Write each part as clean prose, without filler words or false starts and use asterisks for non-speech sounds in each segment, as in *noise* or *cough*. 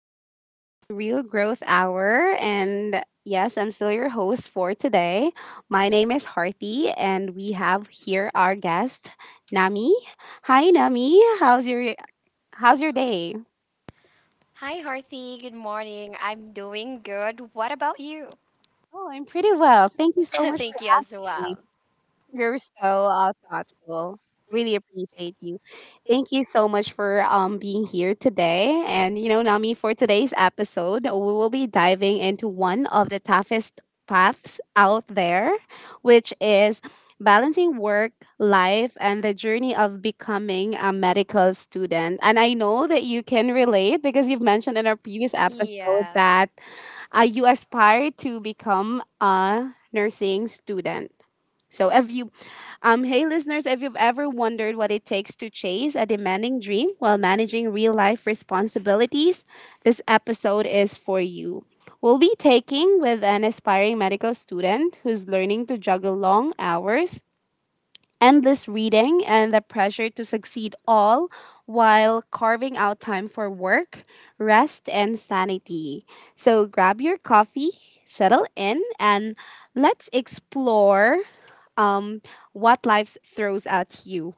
Welcome back to the Real Growth Hour. And yes, I'm still your host for today. My name is Harthy, and we have here our guest, Nami. Hi, Nami. How's your day? Hi, Harthy. Good morning. I'm doing good. What about you? Oh, I'm pretty well. Thank you so *laughs* much for Thank you as having me. well. You're so thoughtful. Really appreciate you. Thank you so much for being here today. And you know, Nami, for today's episode, we will be diving into one of the toughest paths out there, which is balancing work, life, and the journey of becoming a medical student. And I know that you can relate because you've mentioned in our previous episode Yeah. that you aspire to become a nursing student. So if you hey, listeners, if you've ever wondered what it takes to chase a demanding dream while managing real life responsibilities, this episode is for you. We'll be taking with an aspiring medical student who's learning to juggle long hours, endless reading, and the pressure to succeed all while carving out time for work, rest, and sanity. So grab your coffee, settle in, and let's explore um, what life throws at you.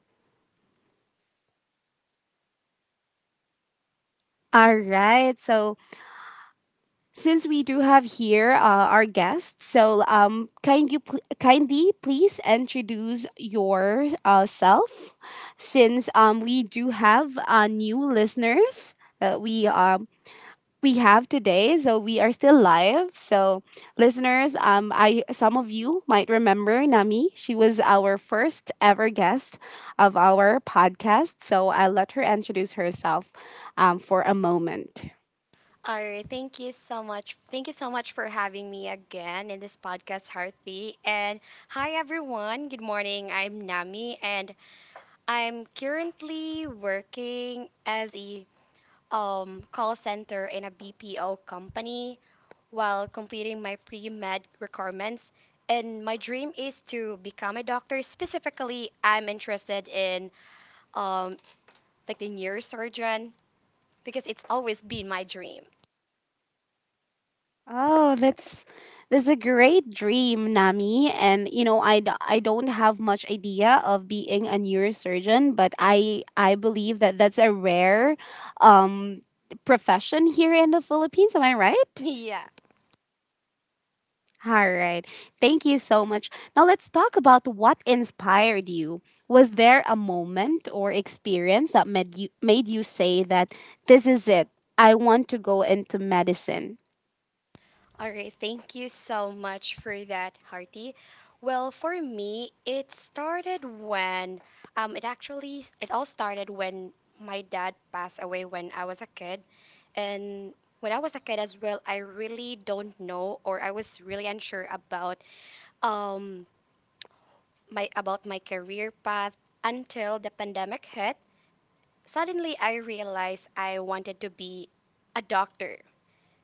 All right. So since we do have here our guest, so kindly please introduce yourself, self, since we do have new listeners. Uh, we um, we have today. So we are still live. So listeners, I some of you might remember Nami. She was our first ever guest of our podcast. So I'll let her introduce herself for a moment. All right. Thank you so much. Thank you so much for having me again in this podcast, Harthy. And hi, everyone. Good morning. I'm Nami, and I'm currently working as a call center in a BPO company, while completing my pre med requirements. And my dream is to become a doctor. Specifically, I'm interested in um, like the neurosurgeon because it's always been my dream. *laughs* Oh, that's a great dream, Nami. And you know, I don't have much idea of being a neurosurgeon, but I believe that that's a rare um profession here in the Philippines. Am I right? Yeah. All right. Thank you so much. Now let's talk about what inspired you. Was there a moment or experience that made you say that this is it? I want to go into medicine. All right, thank you so much for that, Harty. Well, for me, it started when it actually it all started when my dad passed away when I was a kid. And when I was a kid as well, I really don't know, or I was really unsure about um my about my career path until the pandemic hit. Suddenly I realized I wanted to be a doctor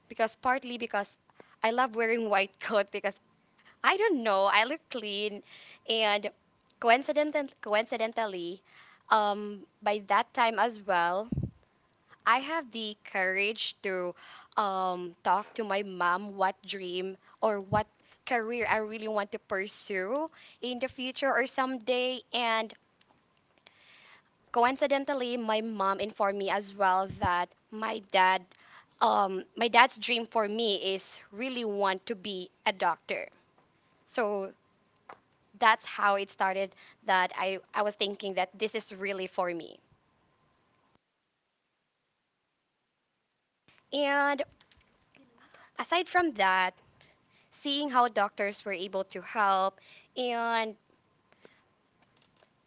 because, partly because I love wearing *laughs* white coat because I don't know. I look clean, and coincidentally, by that time as well, I have the courage to talk to my mom what dream or what career I really want to pursue in the future or someday. And coincidentally, my mom informed me as well that my dad, my dad's dream for me is really want to be a doctor. So that's how it started, that I was thinking that this is really for me. And aside from that, seeing how doctors were able to help and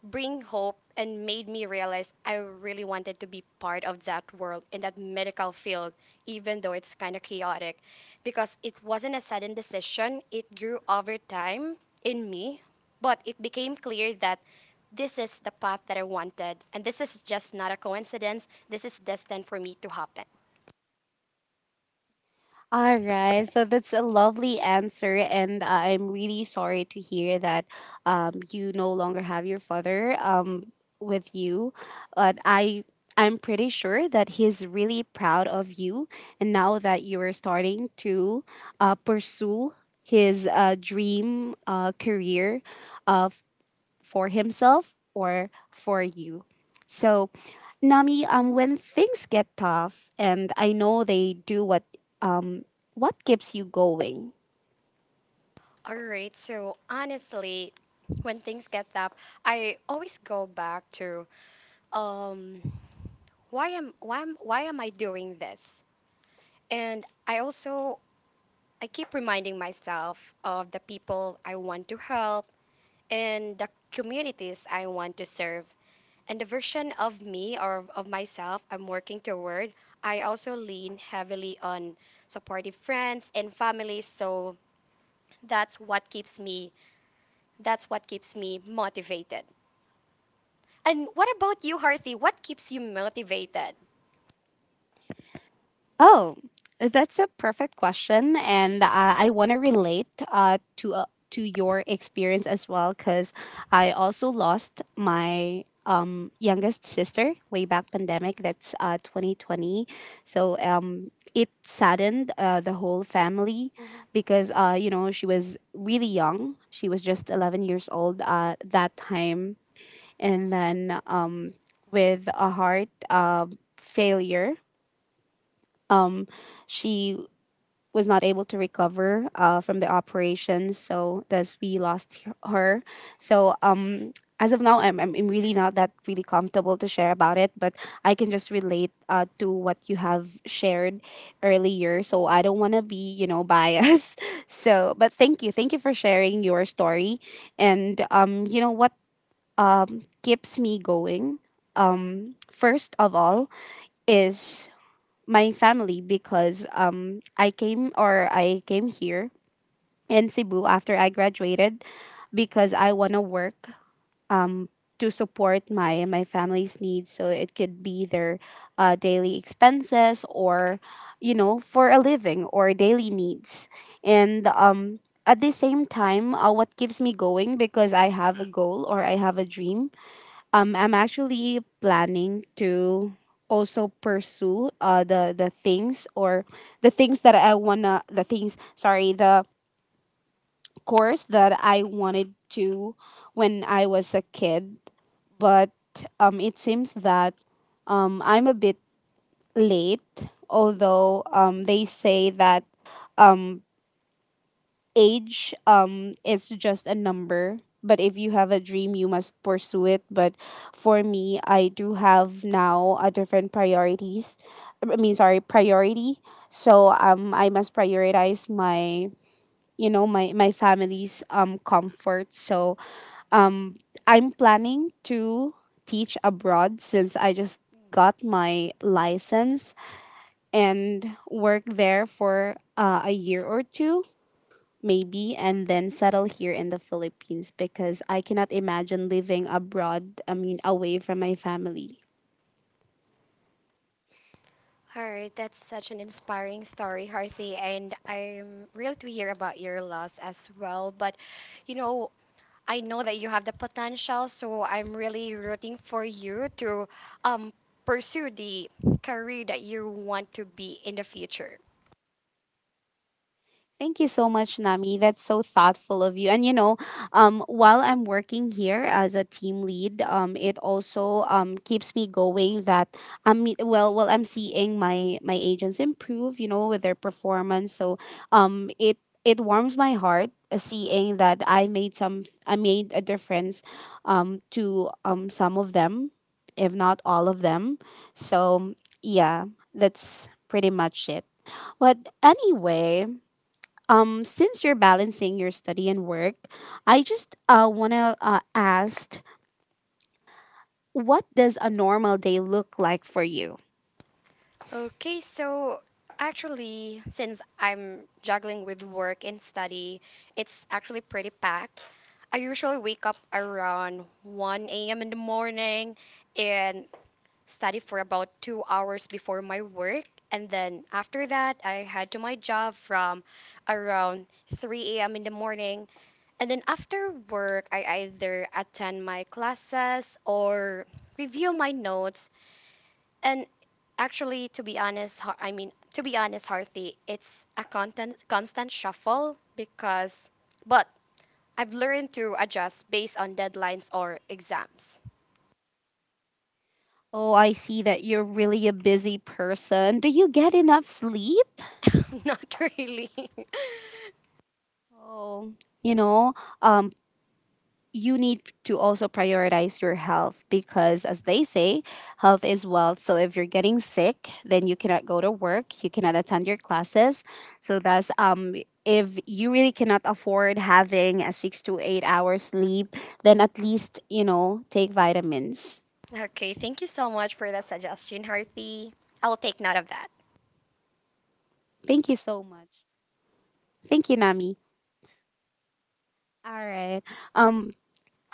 bring hope and made me realize I really wanted to be part of that world, in that medical field, even though it's kind of chaotic. Because it wasn't a sudden decision, it grew over time in me, but it became clear that this is the path that I wanted, and this is just not a coincidence. This is destined for me to happen. All right, so that's a lovely answer, and I'm really sorry to hear that you no longer have your father with you. But I'm pretty sure that he's really proud of you, and now that you are starting to pursue his dream career uh, for himself or for you. So, Nami, when things get tough, and I know they do, um, what keeps you going? All right, so honestly, when things get tough, I always go back to um, why am I doing this? And I keep reminding myself of the people I want to help and the communities I want to serve. And the version of me, or of myself I'm working toward, I also lean heavily on supportive friends and family, so that's what keeps me that's what keeps me motivated. And what about you, Harthy? What keeps you motivated? Oh, that's a perfect question, and I want to relate to your experience as well, because I also lost my youngest sister way back pandemic. That's 2020, so it saddened the whole family Mhm. because you know she was really young. She was just 11 years old that time, and then with a heart uh, failure. Um, she was not able to recover from the operation. So thus we lost her. So as of now, I'm really not that really comfortable to share about it, but I can just relate to what you have shared earlier. So I don't want to be, you know, biased. *laughs* So, but thank you. Thank you for sharing your story. And you know what keeps me going? Um, first of all, is my family because I came here in Cebu after I graduated because I want to work um to support my family's needs, so it could be their daily expenses or you know for a living or daily needs. And at the same time, what keeps me going, because I have a goal or I have a dream. I'm actually planning to also pursue the things or the things that I wanna the things sorry the course that I wanted to when I was a kid, but it seems that I'm a bit late. Although they say that um age is just a number, but if you have a dream you must pursue it. But for me, I do have now a different priorities, I mean sorry priority. So I must prioritize my, you know, my family's comfort. So um I'm planning to teach abroad since I just got my license and work there for a year or two maybe, and then settle here in the Philippines, because I cannot imagine living abroad, I mean away from my family. All right, that's such an inspiring story, Harthi, and I'm thrilled to hear about your loss as well. But you know, I know that you have the potential, so I'm really rooting for you to um, pursue the career that you want to be in the future. Thank you so much, Nami. That's so thoughtful of you. And you know, while I'm working here as a team lead, it also keeps me going that I'm seeing my agents improve, you know, with their performance. So um, it it warms my heart seeing that I made a difference, to some of them, if not all of them. So yeah, that's pretty much it. But anyway, since you're balancing your study and work, I just want to ask, what does a normal day look like for you? Okay, so actually, since I'm juggling with work and study, it's actually pretty packed. I usually wake up around 1 a.m. in the morning and study for about 2 hours before my work. And then after that, I head to my job from around 3 a.m. in the morning. And then after work, I either attend my classes or review my notes. And actually, to be honest, to be honest, Harthy, it's a constant shuffle but I've learned to adjust based on deadlines or exams. Oh, I see that you're really a busy person. Do you get enough sleep? *laughs* Not really. Oh, you know, um, you need to also prioritize your health, because as they say, health is wealth. So if you're getting sick, then you cannot go to work, you cannot attend your classes. So that's if you really cannot afford having a 6 to 8 hours sleep, then at least, you know, take vitamins. Okay, thank you so much for that suggestion, Harthy. I'll take note of that. Thank you so much. Thank you, Nami. All right. um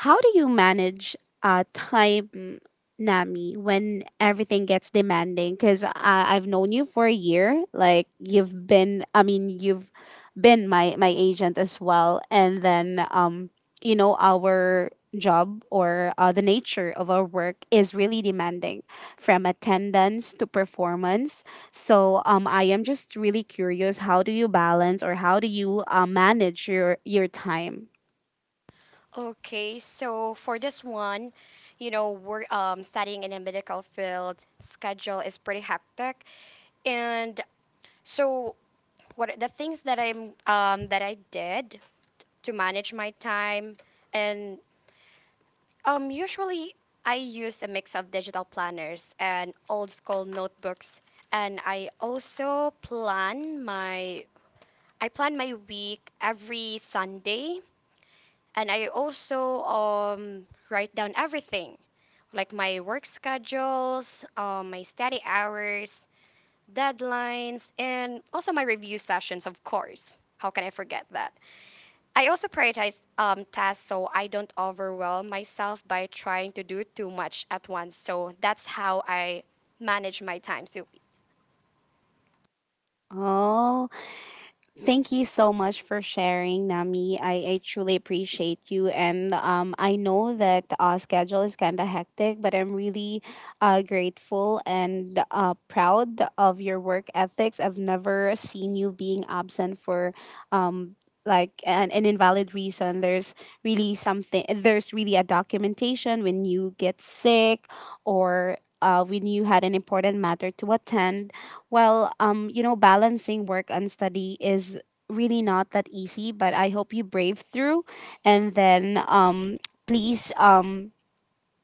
how do you manage time, Nami, when everything gets demanding? Because I've known you for a year. Like I mean, you've been my agent as well. And then, you know, our job or the nature of our work is really demanding, from attendance to performance. So, I am just really curious. How do you balance or how do you manage your time? Okay, so for this one, you know, we're studying in a medical field. Schedule is pretty hectic, and so what are the things that I did to manage my time, and usually I use a mix of digital planners and old school notebooks, and I plan my week every Sunday, and I also write down everything, like my work schedules, my study hours, deadlines, and also my review sessions, of course. How can I forget that? I also prioritize tasks so I don't overwhelm myself by trying to do too much at once. So that's how I manage my time. So, *laughs* Oh, thank you so much for sharing, Nami. I truly appreciate you. And I know that our schedule is kind of hectic, but I'm really grateful and proud of your work ethics. I've never seen you being absent for um, like an invalid reason. There's really a documentation when you get sick or when you had an important matter to attend. Well, you know, balancing work and study is really not that easy, but I hope you brave through. And then please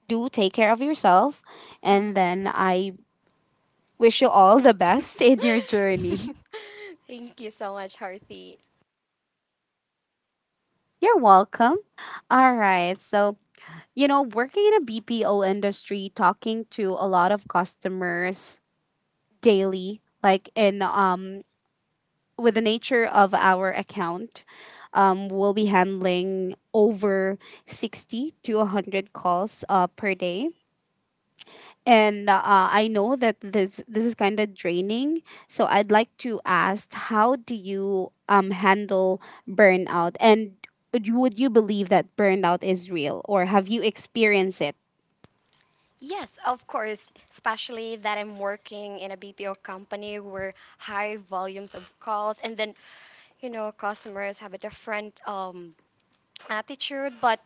do take care of yourself. And then I wish you all the best *laughs* in your journey. thank you so much, Harthy. You're welcome. All right. So, you know, working in a BPO industry, talking to a lot of customers daily, like in with the nature of our account, we'll be handling over 60 to 100 calls per day. And I know that this is kind of draining. So I'd like to ask, how do you handle burnout? And would you believe that burnout is real, or have you experienced it? Yes, of course, especially that I'm working in a BPO company where high volumes of calls and then, you know, customers have a different attitude. But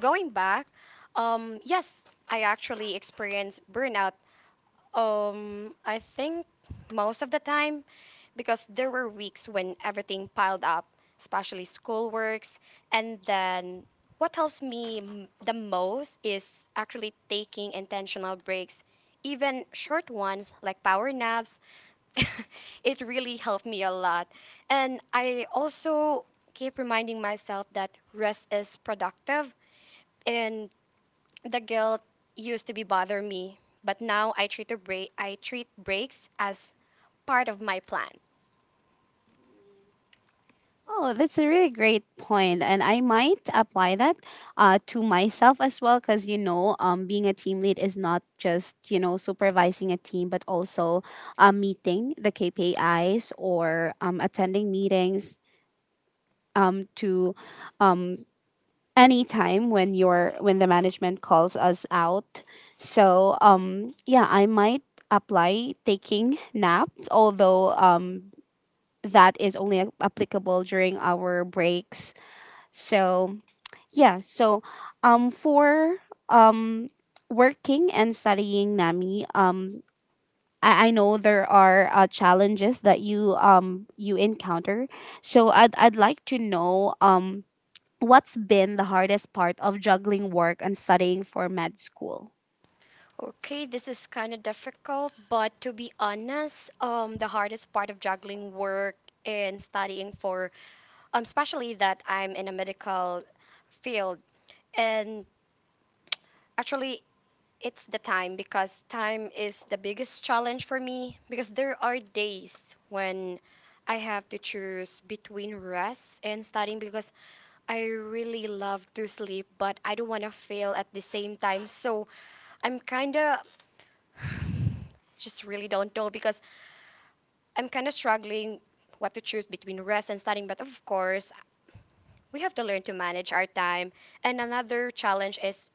going back, yes, I actually experienced burnout, I think most of the time, because there were weeks when everything piled up, especially schoolworks. And then what helps me the most is actually taking intentional breaks, even short ones like power naps. *laughs* It really helped me a lot. And I also keep reminding myself that rest is productive. And the guilt used to be bother me, but now I treat breaks as part of my plan. Oh, that's a really great point, and I might apply that to myself as well. Because you know, being a team lead is not just, you know, supervising a team, but also meeting the KPIs or attending meetings to um, any time when your when the management calls us out. So yeah, I might apply taking nap, although that is only applicable during our breaks. So yeah, so for um working and studying, NAMI, I know there are challenges that you you encounter. So I'd like to know what's been the hardest part of juggling work and studying for med school. Okay, this is kind of difficult, but to be honest, the hardest part of juggling work and studying for, especially that I'm in a medical field, and actually it's the time, because time is the biggest challenge for me because there are days when I have to choose between rest and studying, because I really love to sleep, but I don't want to fail at the same time. So I'm kind of *sighs* just really don't know, because I'm kind of struggling what to choose between rest and studying. But of course, we have to learn to manage our time. And another challenge is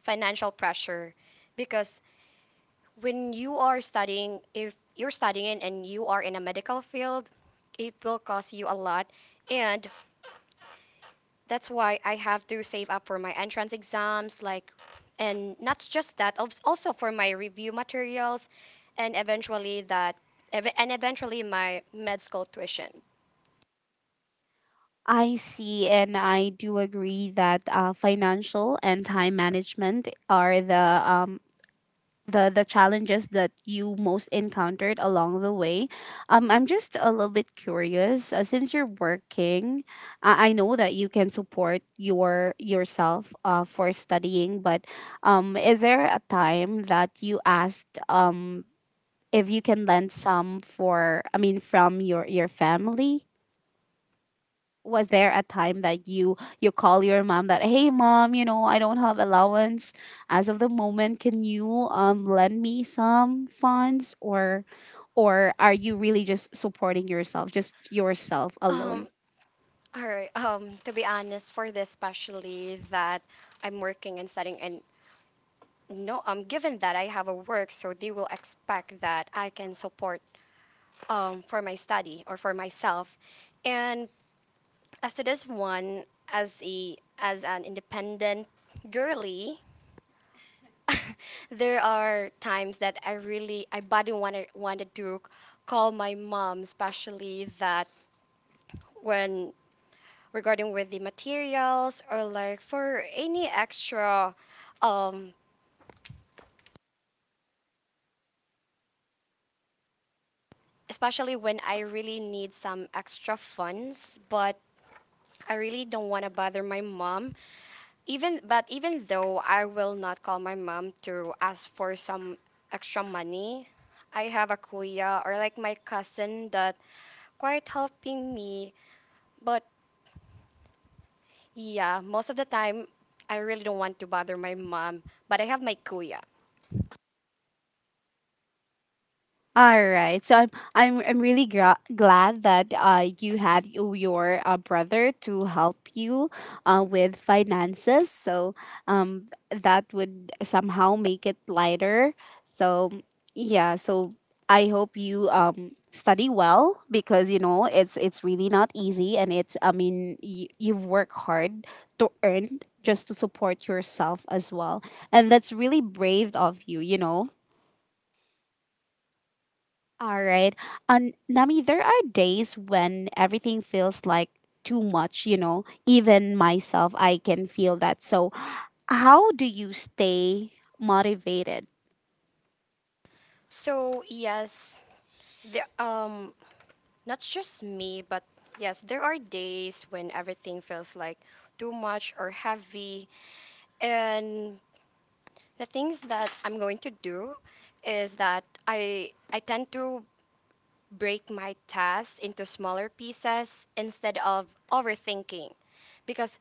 financial pressure, because when you are studying, if you're studying and you are in a medical field, it will cost you a lot. And that's why I have to save up for my entrance exams, like, and not just that, also for my review materials, and and eventually my med school tuition. I see, and I do agree that financial and time management are the challenges that you most encountered along the way. I'm just a little bit curious. Since you're working, I know that you can support yourself for studying, but is there a time that you asked if you can lend some for I mean from your family? Was there a time that you call your mom that, hey mom, you know, I don't have allowance as of the moment, can you lend me some funds, or are you really just supporting yourself, just yourself Um, alone? all right. To be honest, for this, especially that I'm working and studying, and no, given that I have a work, so they will expect that I can support for my study or for myself, and as to this one, as a as an independent girly, *laughs* there are times that I badly wanted to call my mom, especially that when regarding with the materials or like for any extra, um, especially when I really need some extra funds, but I really don't want to bother my mom. Even But even though I will not call my mom to ask for some extra money, I have a kuya, or like my cousin, that quite helping me. But yeah, most of the time I really don't want to bother my mom, but I have my kuya. All right. So I'm really glad that you had your brother to help you with finances. So that would somehow make it lighter. So yeah, so I hope you study well, because you know it's really not easy, and it's I mean you've worked hard to earn just to support yourself as well. And that's really brave of you, you know. All right. And Nami, there are days when everything feels like too much, you know. Even myself, I can feel that. So, how do you stay motivated? So yes, the not just me, but yes, there are days when everything feels like too much or heavy, and the things that I'm going to do is that I tend to break my tasks into smaller pieces instead of overthinking. Because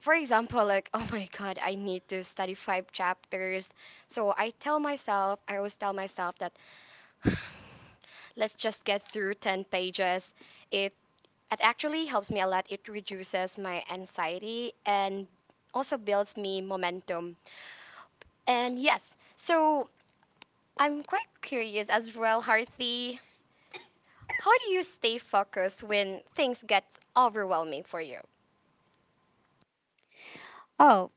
for example, like *laughs* oh my god, I need to study 5 chapters. So I always tell myself that *sighs* let's just get through 10 pages. It it actually helps me a lot. It reduces my anxiety and also builds me momentum. And yes, so I'm quite curious as well, Harthi. How do you stay focused when things get overwhelming for you? Oh,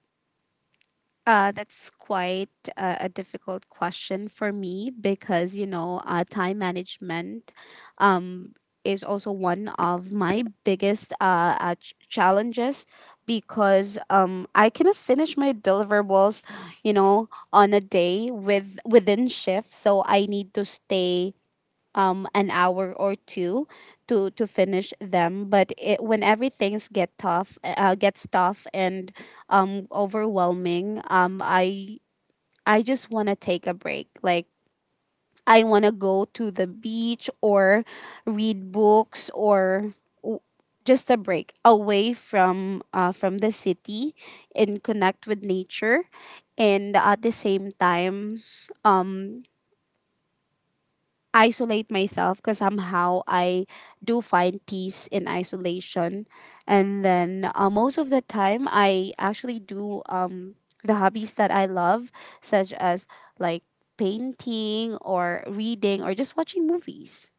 That's quite a difficult question for me because you know time management um, is also one of my biggest challenges because I cannot finish my deliverables you know on a day within shift, so I need to stay an hour or two to finish them, but whenever things get tough gets tough and overwhelming, I just want to take a break, like I want to go to the beach or read books or w- just a break away from the city and connect with nature, and at the same time um isolate myself because somehow I do find peace in isolation. And then most of the time, I actually do the hobbies that I love, such as like painting or reading or just watching movies.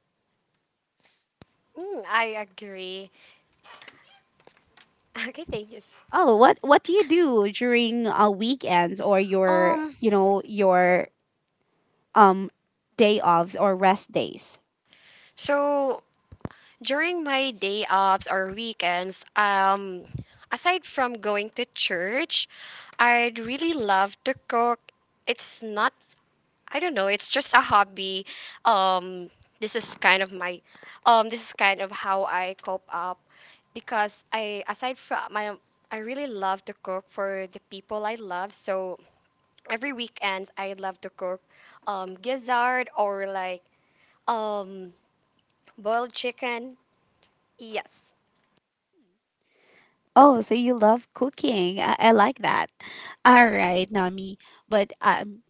Mm, I agree. *laughs* Okay, thank you. Oh, what do you do during weekends or your Um, you know your um day offs or rest days? so during my day offs or weekends, aside from going to church, I'd really love to cook. It's not I don't know, it's just a hobby. Um this is kind of my this is kind of how I cope up because I aside from my I really love to cook for the people I love. So every weekends I love to cook gizzard, or like um boiled chicken. Yes. Oh, so you love cooking. I like that. All right, Nami. But um,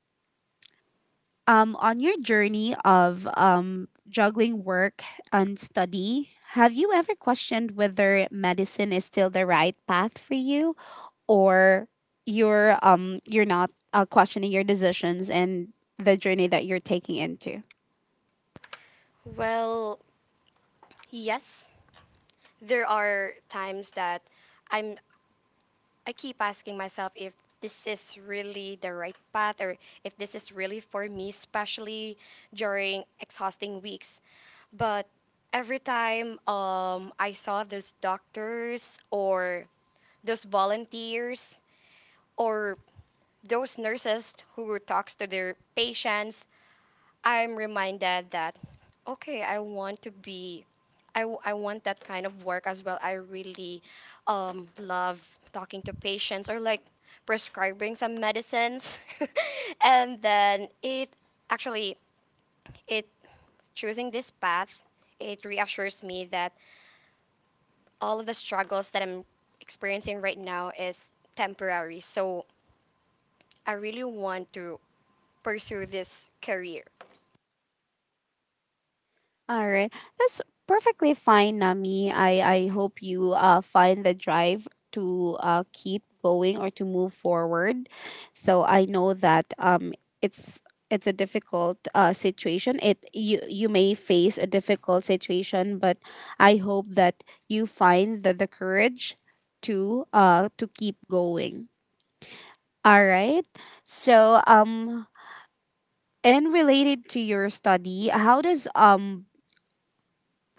um, on your journey of juggling work and study, have you ever questioned whether medicine is still the right path for you, or you're not questioning your decisions and the journey that you're taking into? Well, yes. There are times that I'm I keep asking myself if this is really the right path, or if this is really for me, especially during exhausting weeks. But every time I saw those doctors or those volunteers or those nurses who talks to their patients, I'm reminded that, okay, I want to be, I want that kind of work as well. I really love talking to patients or like prescribing some medicines. *laughs* And then it, actually, it choosing this path, it reassures me that all of the struggles that I'm experiencing right now is temporary. So I really want to pursue this career. All right. That's perfectly fine, Nami. I hope you find the drive to keep going or to move forward. So I know that it's it's a difficult situation. It you you may face a difficult situation, but I hope that you find the courage to keep going. All right. So and related to your study, how does um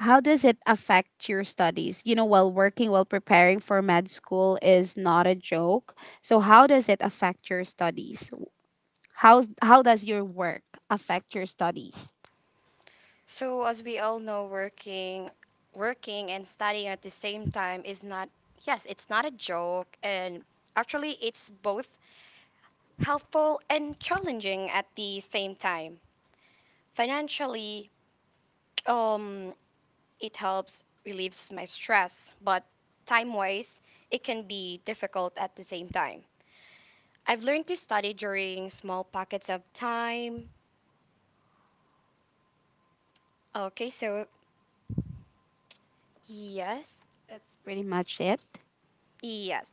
how does it affect your studies? You know, while working, while preparing for med school is not a joke. So how does it affect your studies? How does your work affect your studies? So, as we all know, working and studying at the same time is not, yes, it's not a joke, and actually, it's both helpful and challenging at the same time. Financially, um, it helps relieves my stress, but time-wise, it can be difficult at the same time. I've learned to study during small pockets of time. Okay, so yes, That's pretty much it. yes.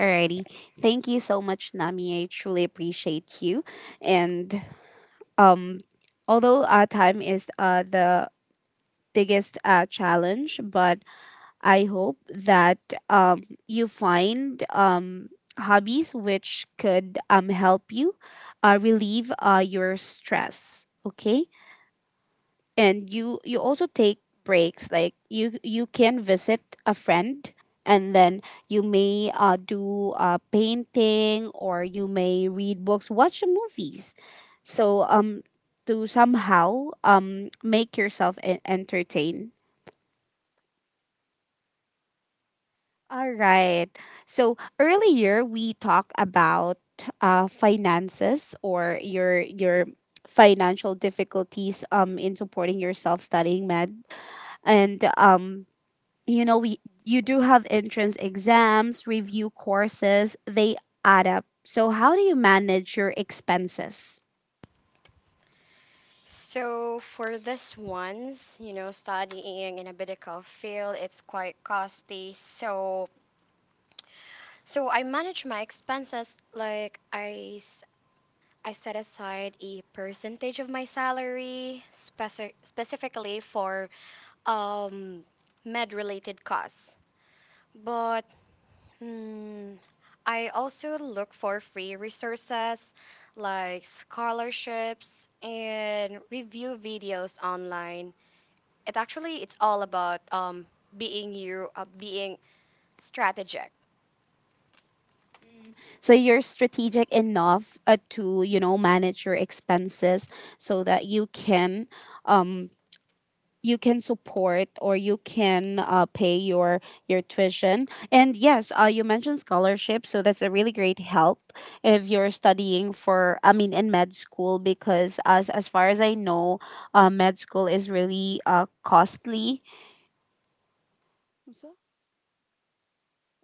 Alrighty. Thank you so much, Nami. I truly appreciate you. And um although time is the biggest challenge, but I hope that you find hobbies which could help you relieve your stress. Okay, and you also take breaks. Like you can visit a friend, and then you may do painting, or you may read books, watch movies. So to somehow make yourself entertained. All right. So earlier we talked about finances or your financial difficulties in supporting yourself studying med, and you know we you do have entrance exams, review courses, they add up. So how do you manage your expenses? So for this ones, you know, studying in a medical field, it's quite costly. So I manage my expenses like I set aside a percentage of my salary specifically for um med related costs. But hmm, I also look for free resources like scholarships and review videos online. It's all about being strategic. Mm. So you're strategic enough to you know manage your expenses so that um you can support or you can pay your tuition. And yes, you mentioned scholarship, so that's a really great help if you're studying for I mean in med school, because as far as I know, med school is really costly.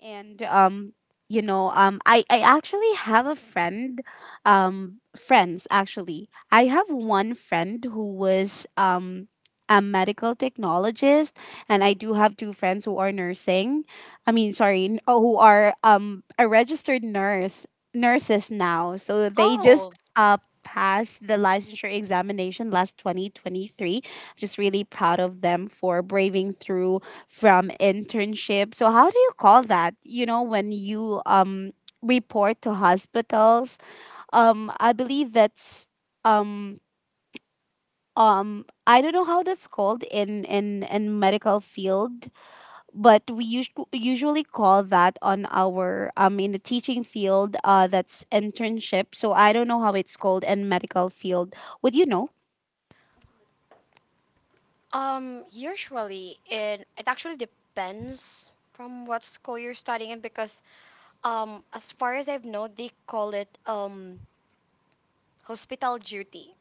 And you know I actually have a friend, friends actually, I have one friend who was a medical technologist, and I do have two friends who are nursing I mean sorry n- oh, who are a registered nurse, nurses now, so they just passed the licensure examination last 2023. Just really proud of them for braving through from internship. So how do you call that? You know, when you report to hospitals, I believe that's um I don't know how that's called in medical field, but we usually call that on our in the teaching field, that's internship. So I don't know how it's called in medical field. Would you know? Usually, it actually depends from what school you're studying in, because as far as I've known, they call it hospital duty.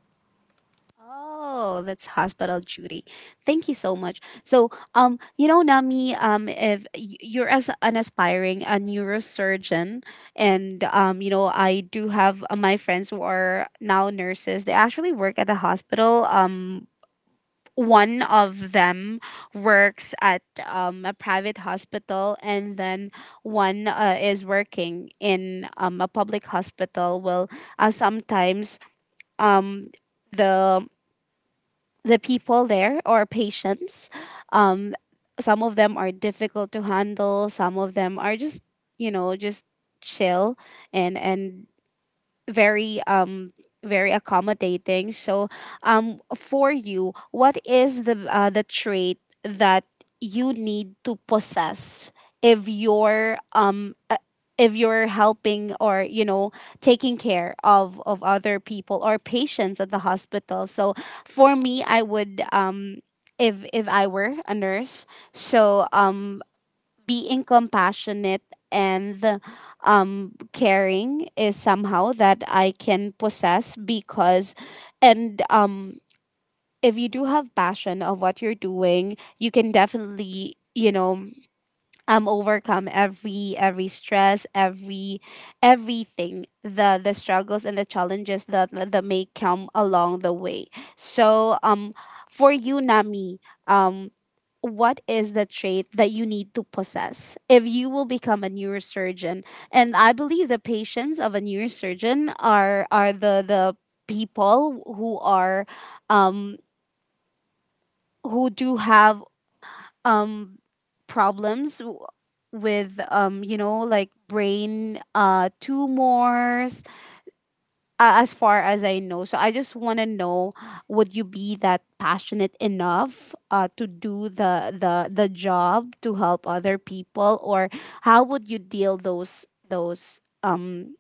Oh, that's hospital duty. Thank you so much. So, you know, Nami, if you're as an aspiring a neurosurgeon, and you know, I do have my friends who are now nurses. They actually work at the hospital. One of them works at a private hospital, and then one is working in a public hospital. Well, sometimes um the the people there or patients. Um, some of them are difficult to handle. Some of them are just you know just chill and very very accommodating. So for you, what is the trait that you need to possess if you're um uh, if you're helping or you know taking care of other people or patients at the hospital. So for me, I would if I were a nurse, so being compassionate and caring is somehow that I can possess because, and if you do have passion of what you're doing, you can definitely, you know, overcome every stress, every everything, the struggles and the challenges that that that may come along the way. So for you, Nami, um what is the trait that you need to possess if you will become a neurosurgeon? And I believe the patients of a neurosurgeon are the people who are um who do have um problems with you know like brain tumors, as far as I know. So I just want to know, would you be that passionate enough to do the job to help other people, or how would you deal those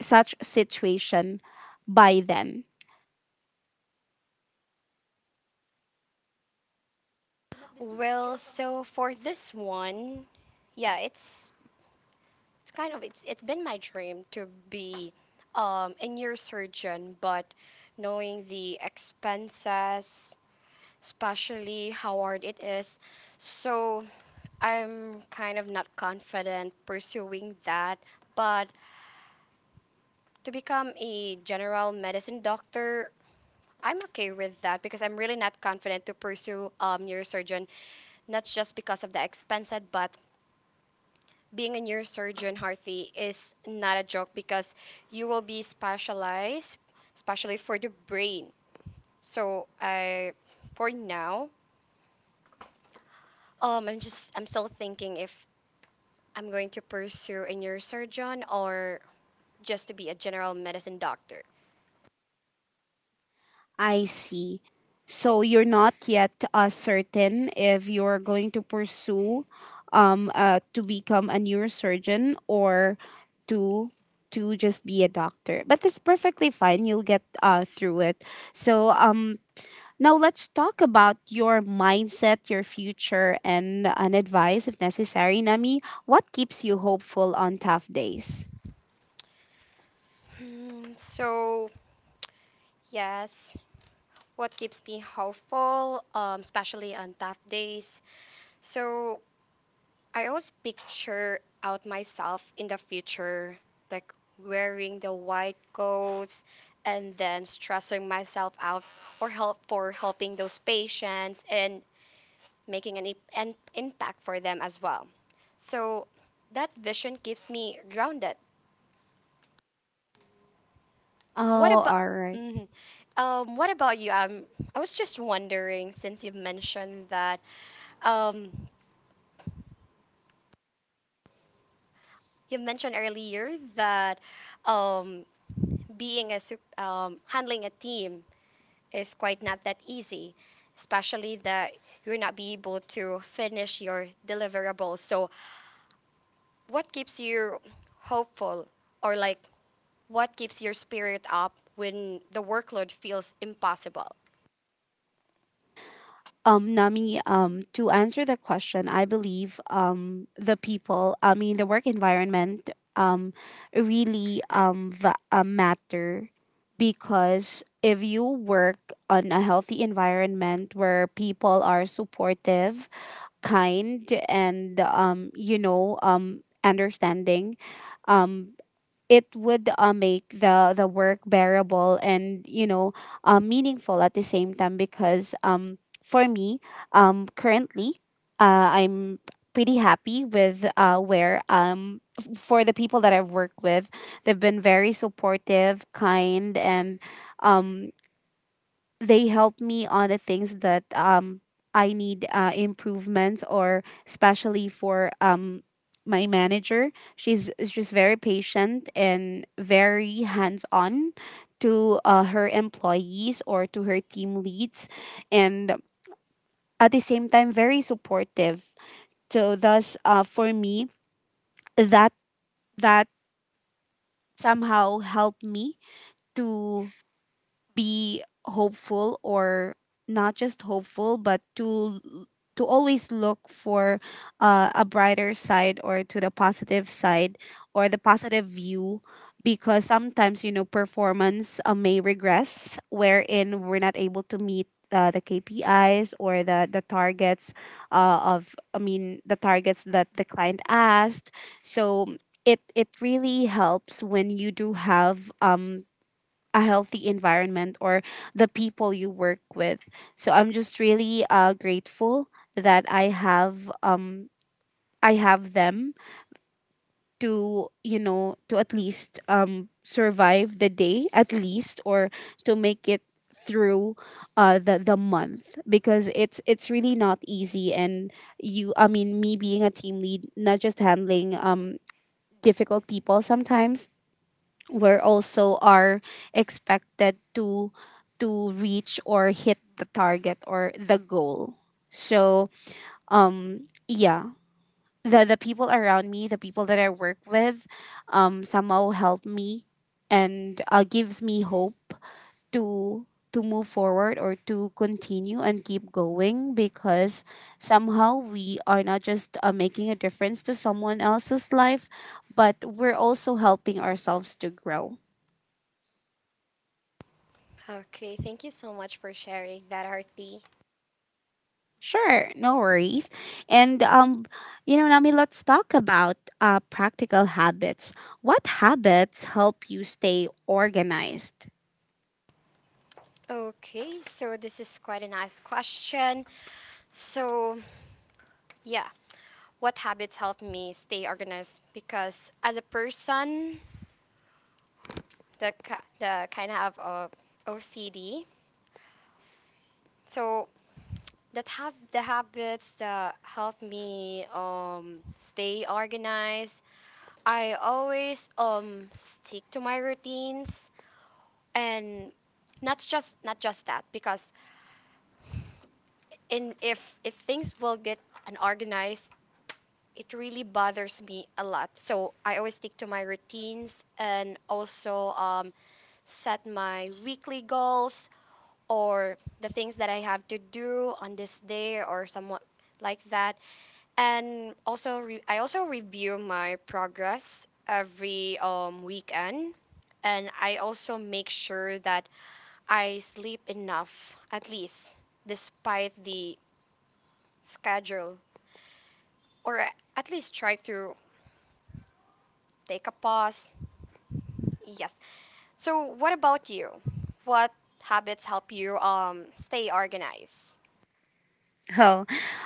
such situation by then? Well, so for this one, yeah, it's kind of it's been my dream to be a neurosurgeon, but knowing the expenses, especially how hard it is. So I'm kind of not confident pursuing that. But to become a general medicine doctor, I'm okay with that because I'm really not confident to pursue neurosurgeon, not just because of the expense, but being a neurosurgeon, Harthy, is not a joke because you will be specialized, especially for the brain. So, for now, I'm still thinking if I'm going to pursue a neurosurgeon or just to be a general medicine doctor. I see. So you're not yet certain if you're going to pursue to become a neurosurgeon or to to just be a doctor. But it's perfectly fine. You'll get through it. So now let's talk about your mindset, your future, and an advice if necessary, Nami. What keeps you hopeful on tough days? Hmm, so, yes, what keeps me hopeful, especially on tough days? So, I always picture out myself in the future, like wearing the white coats and then stressing myself out, or helping those patients and making an impact for them as well. So that vision keeps me grounded. What Oh, about alright. Mhm. What about you? I was just wondering, since you've mentioned that, um, you mentioned earlier that, um, handling a team is quite not that easy, especially that you're not be able to finish your deliverables. So, what keeps you hopeful, or, like, what keeps your spirit up when the workload feels impossible? Nami, to answer the question, I believe the people, I mean, the work environment um, really matter, because if you work on a healthy environment where people are supportive, kind, and, you know, understanding, um, it would make the work bearable and you know meaningful at the same time, because for me currently I'm pretty happy with for the people that I've worked with. They've been very supportive, kind, and um they help me on the things that I need improvements, or especially for my manager. She's very patient and very hands on to her employees or to her team leads, and at the same time very supportive. So thus, for me, that that somehow helped me to be hopeful, or not just hopeful but to to always look for a brighter side or to the positive side or the positive view, because sometimes you know performance may regress wherein we're not able to meet the KPIs or the targets, of I mean the targets that the client asked. So it really helps when you do have a healthy environment or the people you work with. So I'm just really grateful that I have them to you know to at least survive the day at least, or to make it through the month, because it's really not easy. And you I mean me being a team lead, not just handling difficult people sometimes, were also are expected to reach or hit the target or the goal. So yeah, the people around me, the people that I work with, somehow help me and gives me hope to to move forward or to continue and keep going, because somehow we are not just making a difference to someone else's life, but we're also helping ourselves to grow. Okay, thank you so much for sharing that, RT. Sure, no worries. And you know, Nami, let's talk about practical habits. What habits help you stay organized? Okay, so this is quite a nice question. So, yeah, what habits help me stay organized? Because, as a person, the kind of OCD. So that have the habits that help me stay organized. I always stick to my routines. And, not just that, because in if things will get unorganized, it really bothers me a lot, so I always stick to my routines, and also, set my weekly goals, or the things that I have to do on this day, or somewhat like that. And also I also review my progress every weekend. And I also make sure that I sleep enough, at least, despite the schedule, or, at least try to take a pause. Yes. So, what about you? What habits help you stay organized? Oh,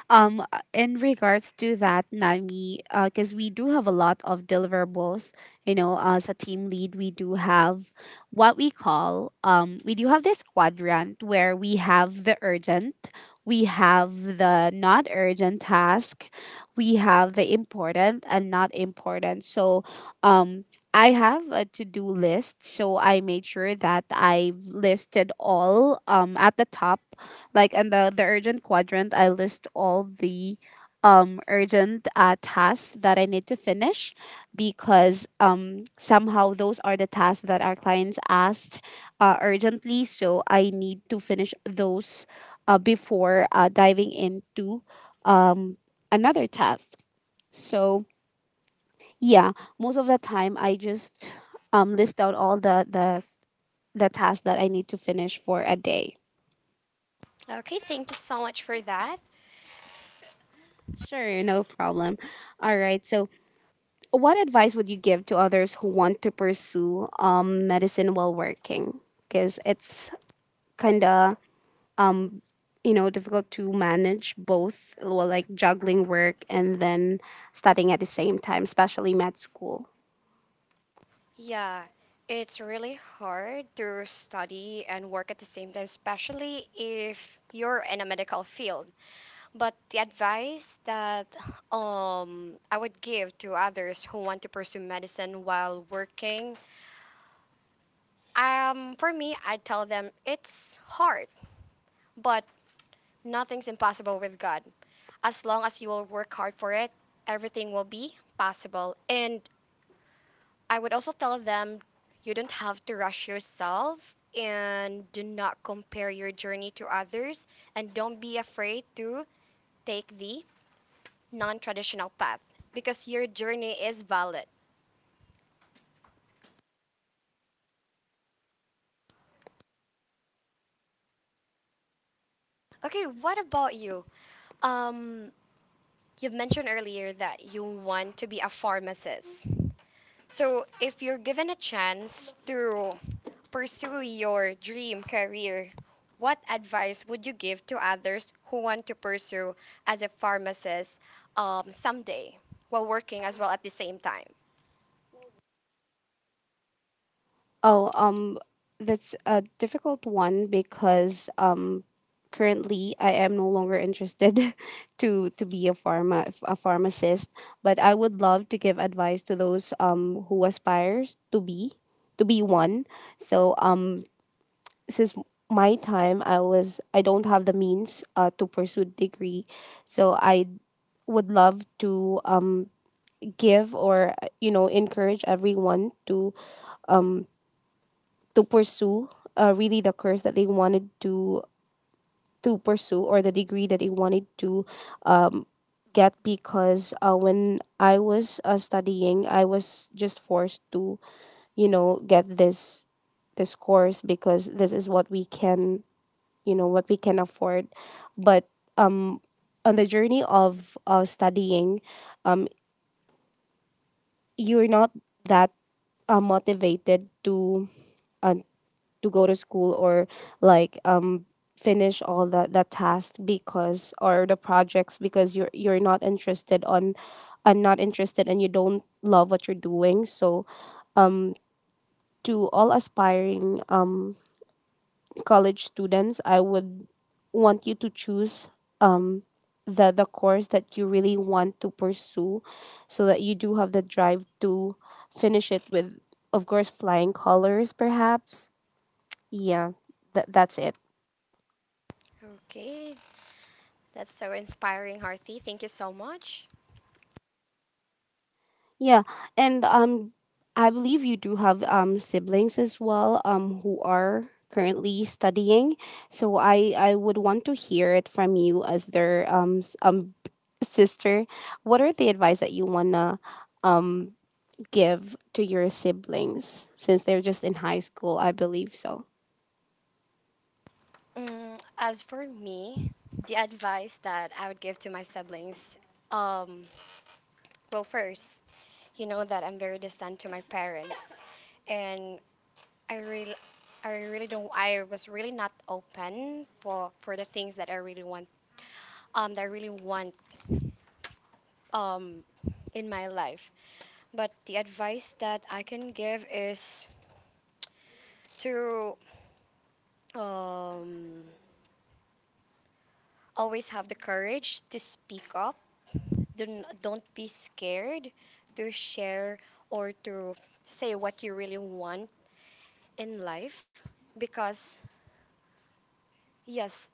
in regards to that, Nami, because we do have a lot of deliverables, you know, as a team lead, we do have what we call, we do have this quadrant where we have the urgent, we have the not urgent task, we have the important and not important. So, um, I have a to-do list, so I made sure that I listed all at the top, like in the urgent quadrant. I list all the urgent tasks that I need to finish because somehow those are the tasks that our clients asked urgently, so I need to finish those before diving into um another task. so yeah, most of the time I just list down all the tasks that I need to finish for a day. Okay, thank you so much for that. Sure, no problem. All right, so what advice would you give to others who want to pursue medicine while working? Because it's kind of um, you know, difficult to manage both, well, like juggling work and then studying at the same time, especially med school. Yeah, it's really hard to study and work at the same time, especially if you're in a medical field. But the advice that, I would give to others who want to pursue medicine while working, for me, I tell them it's hard, but nothing's impossible with God. As long as you will work hard for it, everything will be possible. And I would also tell them, you don't have to rush yourself and do not compare your journey to others, and don't be afraid to take the non traditional path because your journey is valid. Okay, what about you? Um, you've mentioned earlier that you want to be a pharmacist. So, if you're given a chance to pursue your dream career, what advice would you give to others who want to pursue as a pharmacist, someday, while working as well at the same time? Oh, that's a difficult one because currently I am no longer interested *laughs* to be a pharmacist. But I would love to give advice to those who aspires to be, to be one. So since my time, I was, I don't have the means to pursue degree, so I would love to give or, you know, encourage everyone um to pursue really the course that they wanted to pursue, or the degree that they wanted to um, get, because when I was studying, I was just forced to, you know, get this course because this is what we can, you know, what we can afford. But um on the journey of studying, um you're not that motivated uh, to go to school or like finish all that task, because, or the projects, because you're not interested on, and not interested, and you don't love what you're doing. So um to all aspiring college students, I would want you to choose um the course that you really want to pursue, so that you do have the drive to finish it with, of course, flying colors perhaps. Yeah, that's it. Okay, that's so inspiring, Harthi. Thank you so much. Yeah, and I believe you do have siblings as well, who are currently studying. So I would want to hear it from you as their sister. What are the advice that you wanna um give to your siblings, since they're just in high school? I believe so. Mm, as for me, the advice that I would give to my siblings, um, well, first, you know that I'm very distant to my parents, and I really, I really don't. I was really not open for the things that I really want, um, that I really want, um, in my life. But the advice that I can give is to, um, always have the courage to speak up. Don't be scared to share, or to say what you really want in life. Because, yes,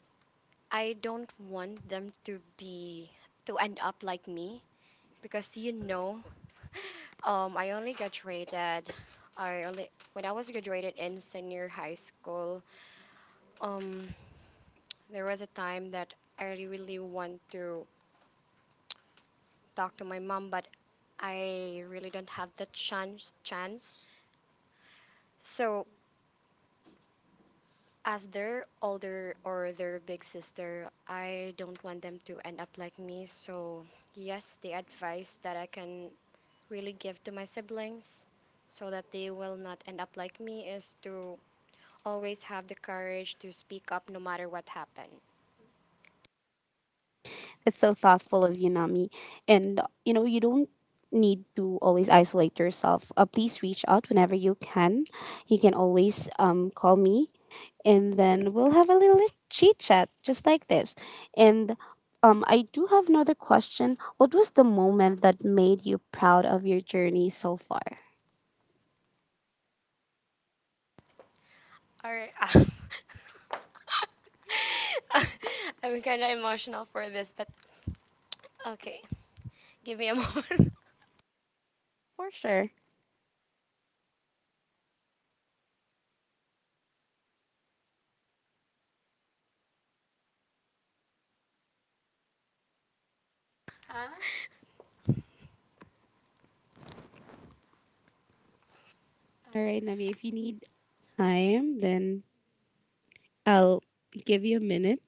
I don't want them to end up like me. Because, I only graduated, when I was graduated in senior high school, um, there was a time that I really want to talk to my mom, but I really don't have the chance. So, as their older or their big sister, I don't want them to end up like me. So, yes, the advice that I can really give to my siblings so that they will not end up like me is to always have the courage to speak up no matter what happened. It's so thoughtful of you, Nami. And, you know, you don't need to always isolate yourself. Please reach out whenever you can. You can always call me, and then we'll have a little chit chat just like this. And I do have another question. What was the moment that made you proud of your journey so far? All right. *laughs* I'm kind of emotional for this, but okay. Give me a *laughs* moment. For sure. All right, Nami, if you need time, then I'll give you a minute.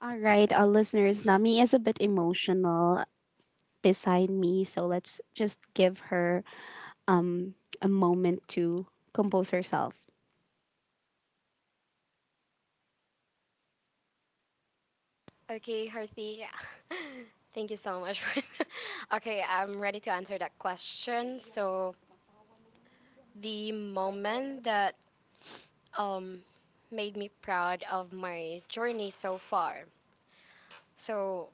All right, our listeners, Nami is a bit emotional beside me. So let's just give her um, a moment to compose herself. Okay, Harthi. *laughs* Thank you so much for *laughs* Okay, I'm ready to answer that question. So, the moment that um made me proud of my journey so far. So,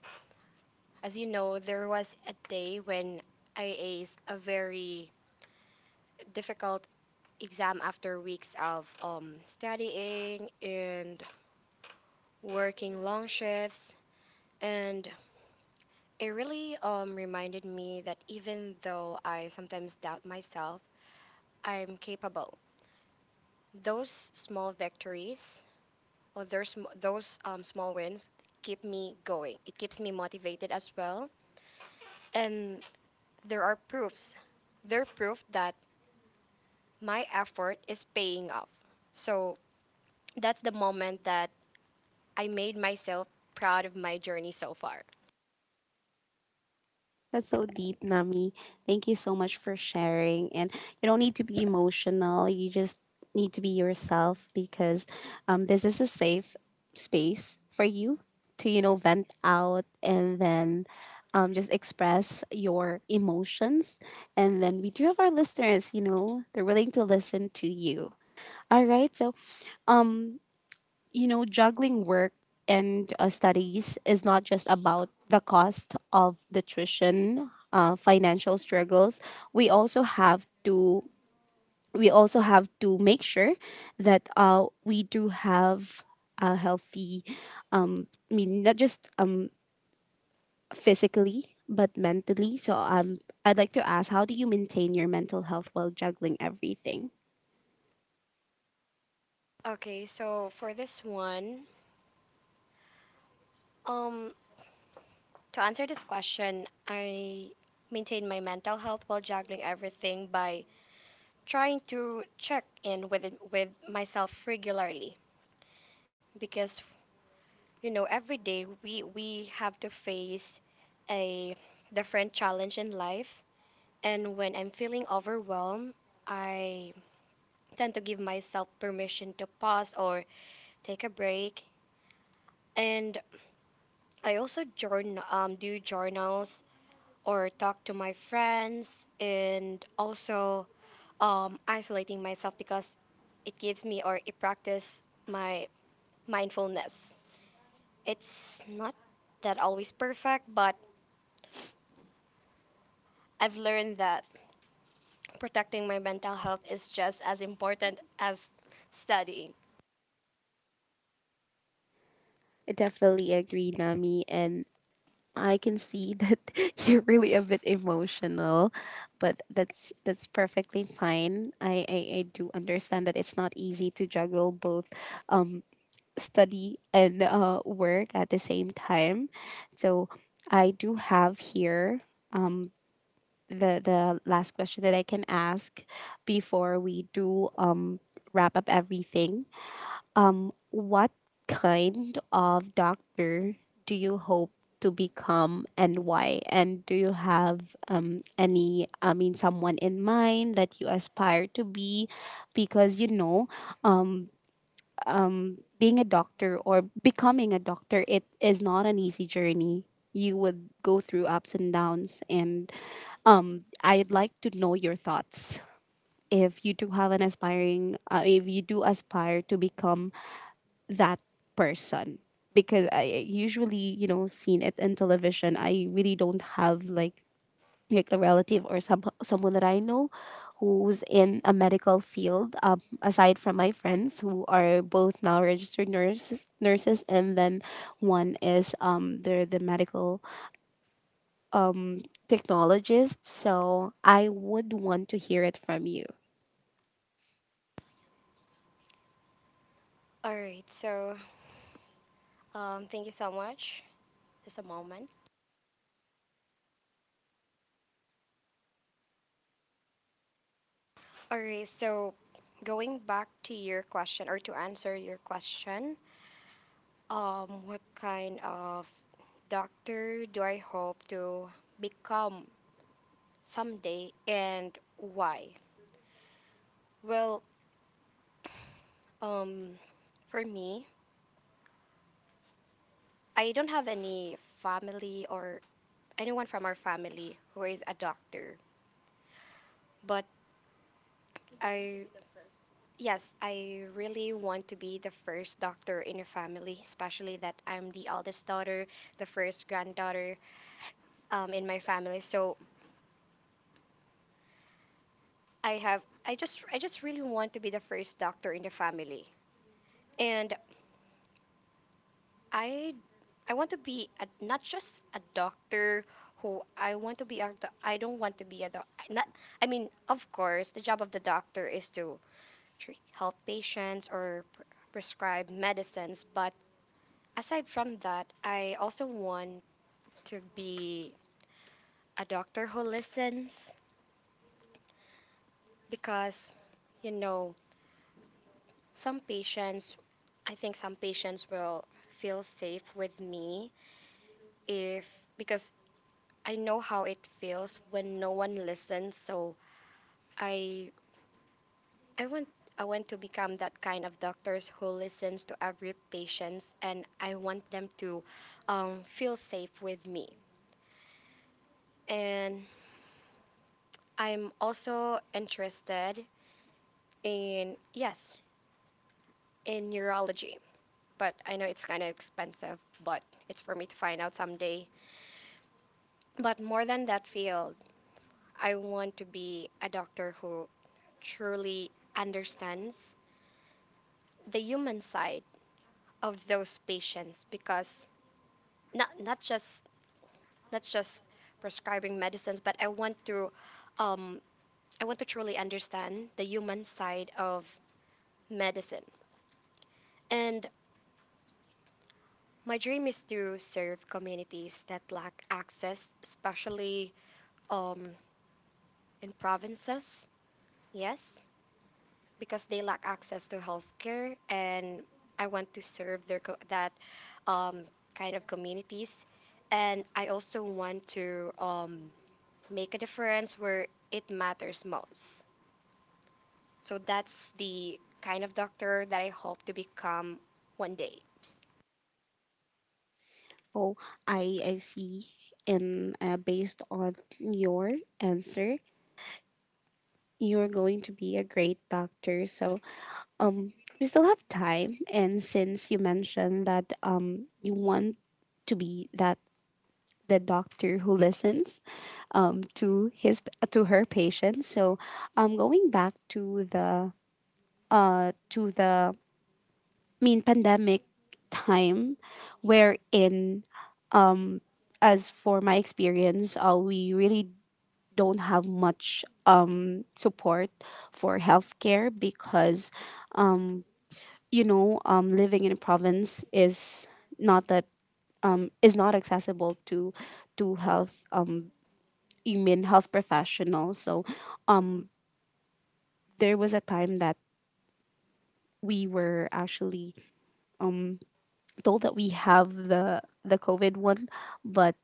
as you know, there was a day when I aced a very difficult exam after weeks of studying and working long shifts. And it really reminded me that even though I sometimes doubt myself, I'm capable. Those small victories, or those small wins, keep me going. It keeps me motivated as well. And there are proofs. They're proof that my effort is paying off. So that's the moment that I made myself proud of my journey so far. That's so deep, Nami. Thank you so much for sharing. And you don't need to be emotional, you just need to be yourself because this is a safe space for you to, you know, vent out and then. Just express your emotions. And then we do have our listeners, you know, they're willing to listen to you. All right. So, um, you know, juggling work and studies is not just about the cost of the tuition, financial struggles. We also have to, we also have to make sure that we do have a healthy, I mean, not just physically but mentally. So I'd like to ask, how do you maintain your mental health while juggling everything? Okay, so for this one, um, to answer this question, I maintain my mental health while juggling everything by trying to check in with myself regularly, because every day we have to face a different challenge in life, and when I'm feeling overwhelmed, I tend to give myself permission to pause or take a break. And I also journal do journals, or talk to my friends, and also, isolating myself, because it gives me, or it practice my mindfulness. It's not that always perfect, but I've learned that protecting my mental health is just as important as studying. I definitely agree, Nami, and I can see that *laughs* you're really a bit emotional, but that's perfectly fine. I do understand that it's not easy to juggle both um study and work at the same time. So I do have here um the last question that I can ask before we do wrap up everything. What kind of doctor do you hope to become and why? And do you have any, I mean, someone in mind that you aspire to be? Because, you know, um being a doctor or becoming a doctor, it is not an easy journey. You would go through ups and downs, and I'd like to know your thoughts. If you do have an aspiring, if you do aspire to become that person. Because I usually, you know, seen it in television. I really don't have like a relative or some, someone that I know who's in a medical field. Aside from my friends who are both now registered nurses, and then one is they're the medical um technologist. So I would want to hear it from you. All right, so, thank you so much. Just a moment. All right, so, going back to your question, or to answer your question, what kind of doctor do I hope to become someday, and why? Well, um, for me, I don't have any family or anyone from our family who is a doctor, but, I yes, I really want to be the first doctor in a family, especially that I'm the eldest daughter, the first granddaughter, in my family. So I just really want to be the first doctor in the family. And I I want to be a, not just a doctor, who I want to be a doc- I don't want to be a doc not I mean, of course, the job of the doctor is to treat, help patients, or prescribe medicines, but aside from that, I also want to be a doctor who listens, because you know some patients I think some patients will feel safe with me, if because I know how it feels when no one listens. So i i want I want to become that kind of doctors who listens to every patients, and I want them to, feel safe with me. And I'm also interested in, yes, in neurology, but I know it's kind of expensive, but it's for me to find out someday. But more than that field, I want to be a doctor who truly understands the human side of those patients, because not not just not just prescribing medicines, but um, I want to truly understand the human side of medicine. And my dream is to serve communities that lack access, especially, um, in provinces. Yes. Because they lack access to healthcare, and I want to serve that um, kind of communities, and I also want to, make a difference where it matters most. So that's the kind of doctor that I hope to become one day. So I see, and based on your answer, you're going to be a great doctor. So, um, we still have time. And since you mentioned that you want to be that, the doctor who listens to his, to her patients. So, going back to the I mean pandemic time, wherein um as for my experience, we really don't have much support for healthcare because um you know living in a province is not that is not accessible to health, you mean health professionals. So um there was a time that we were actually um told that we have the covid one, but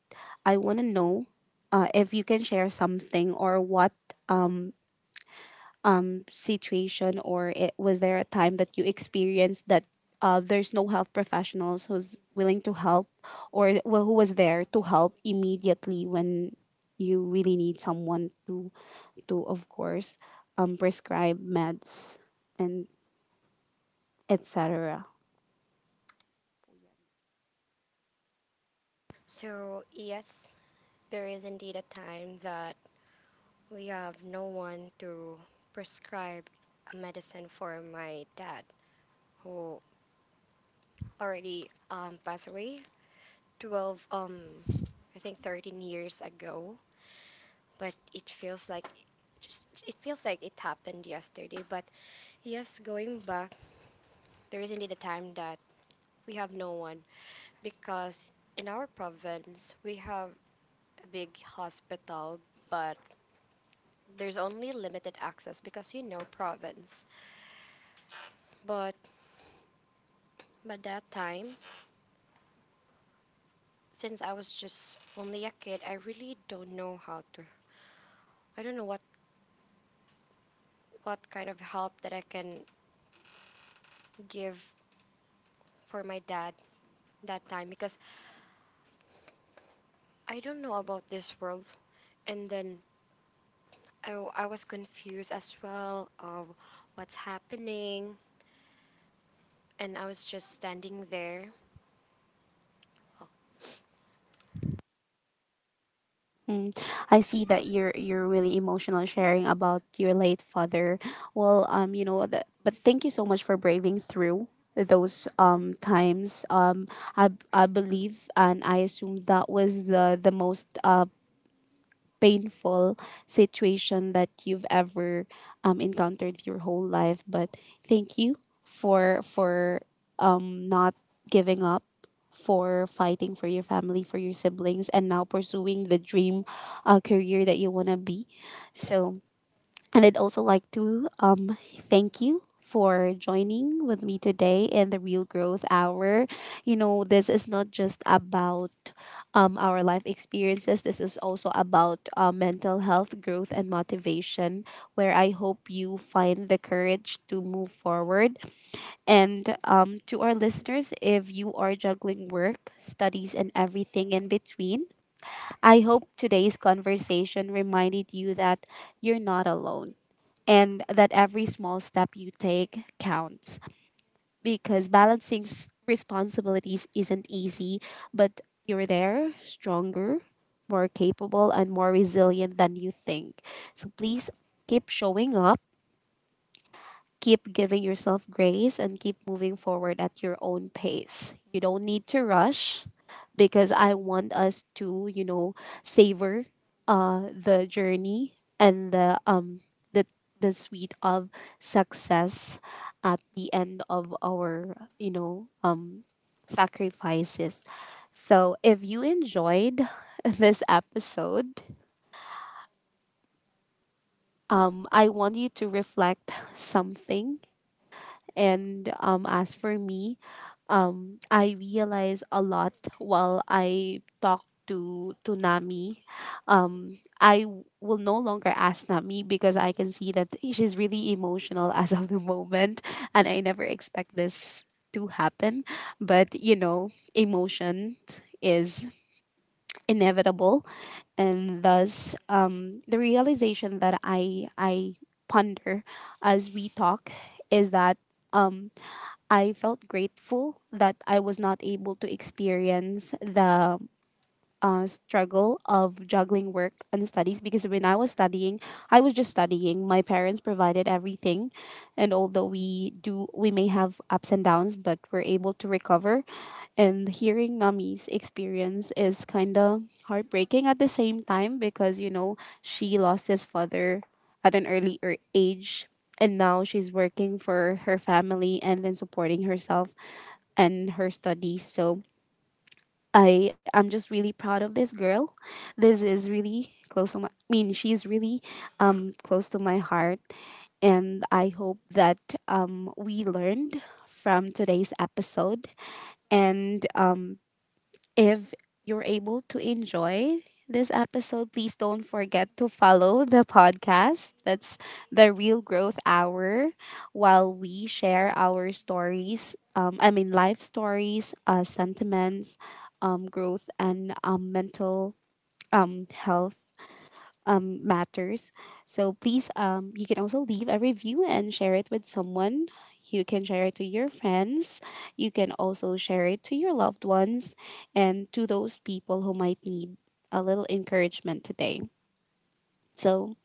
I want to know if you can share something, or what situation, or it, was there a time that you experienced that there's no health professionals who's willing to help, or wh- who was there to help immediately when you really need someone to, of course, prescribe meds, and etc. So yes, there is indeed a time that we have no one to prescribe a medicine for my dad, who already, passed away 12, I think 13 years ago, but it feels like it happened yesterday. But, yes, going back, there is indeed a time that we have no one, because in our province we have a big hospital, but there's only limited access, because province. But by that time, since I was just only a kid, I really don't know, how to I don't know what kind of help that I can give for my dad that time, because I don't know about this world. And then I was confused as well of what's happening. And I was just standing there. Oh, Mm, I see that you're really emotional sharing about your late father. Well, you know that, but thank you so much for braving through those times. I I believe and I assume that was the most painful situation that you've ever encountered your whole life, but thank you for not giving up, for fighting for your family, for your siblings, and now pursuing the dream career that you want to be. So, and I'd also like to thank you for joining with me today in the Real Growth Hour. You know, this is not just about our life experiences, this is also about mental health, growth, and motivation, where I hope you find the courage to move forward. And to our listeners, if you are juggling work, studies, and everything in between, I hope today's conversation reminded you that you're not alone, and that every small step you take counts, because balancing s- responsibilities isn't easy, but you're there, stronger, more capable, and more resilient than you think. So please keep showing up, keep giving yourself grace, and keep moving forward at your own pace. You don't need to rush, because I want us to, you know, savor the journey and the the the sweet of success at the end of our, you know, sacrifices. So if you enjoyed *laughs* this episode, I want you to reflect something. And as for me, I realize a lot while I talk to Nami. I w- will no longer ask Nami because I can see that she's really emotional as of the moment, and I never expect this to happen. But you know, emotion is inevitable, and thus the realization that I ponder as we talk is that. Um, I felt grateful that I was not able to experience the struggle of juggling work and studies, because when I was studying, I was just studying. My parents provided everything, and although we do, we may have ups and downs, but we're able to recover. And hearing Nami's experience is kind of heartbreaking at the same time, because you know, she lost his father at an early age, and now she's working for her family and then supporting herself and her studies. So I'm just really proud of this girl. This is really close to my. I mean, she's really close to my heart, and I hope that we learned from today's episode, and if you're able to enjoy this episode, please don't forget to follow the podcast. That's the Real Growth Hour, while we share our stories. I mean, life stories, sentiments, growth, and mental health matters. So please, you can also leave a review and share it with someone. You can share it to your friends. You can also share it to your loved ones, and to those people who might need a little encouragement today. So,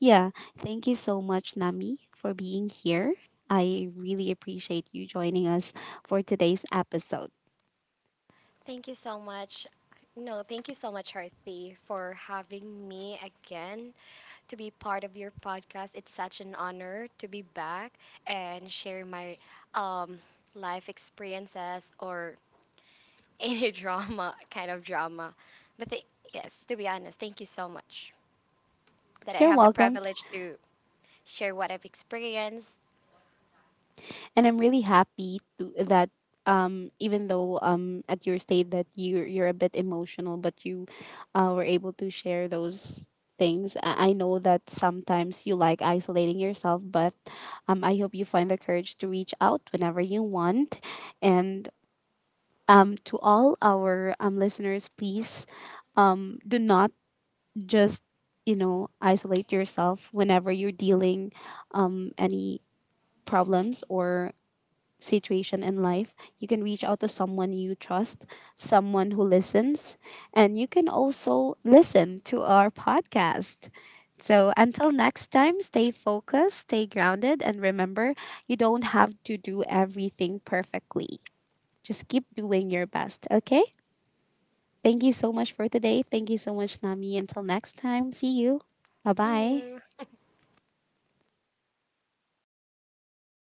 yeah, thank you so much, Nami, for being here. I really appreciate you joining us for today's episode. thank you so much. No, thank you so much, Harthi, for having me again, to be part of your podcast. It's such an honor to be back and share my, um, life experiences, or *laughs* any drama, kind of drama. But yes, to be honest, thank you so much that I You're have the welcome. privilege to share what I've experienced. And I'm really happy to that even though at your state that you're a bit emotional, but you were able to share those things. I know that sometimes you like isolating yourself, but I hope you find the courage to reach out whenever you want. And to all our listeners, please do not just, you know, isolate yourself whenever you're dealing any problems or situation in life. You can reach out to someone you trust, someone who listens, and you can also listen to our podcast. So until next time, stay focused, stay grounded, and remember you don't have to do everything perfectly. Just keep doing your best, okay? Thank you so much for today. Thank you so much, Nami. Until next time, see you. Bye See bye. you.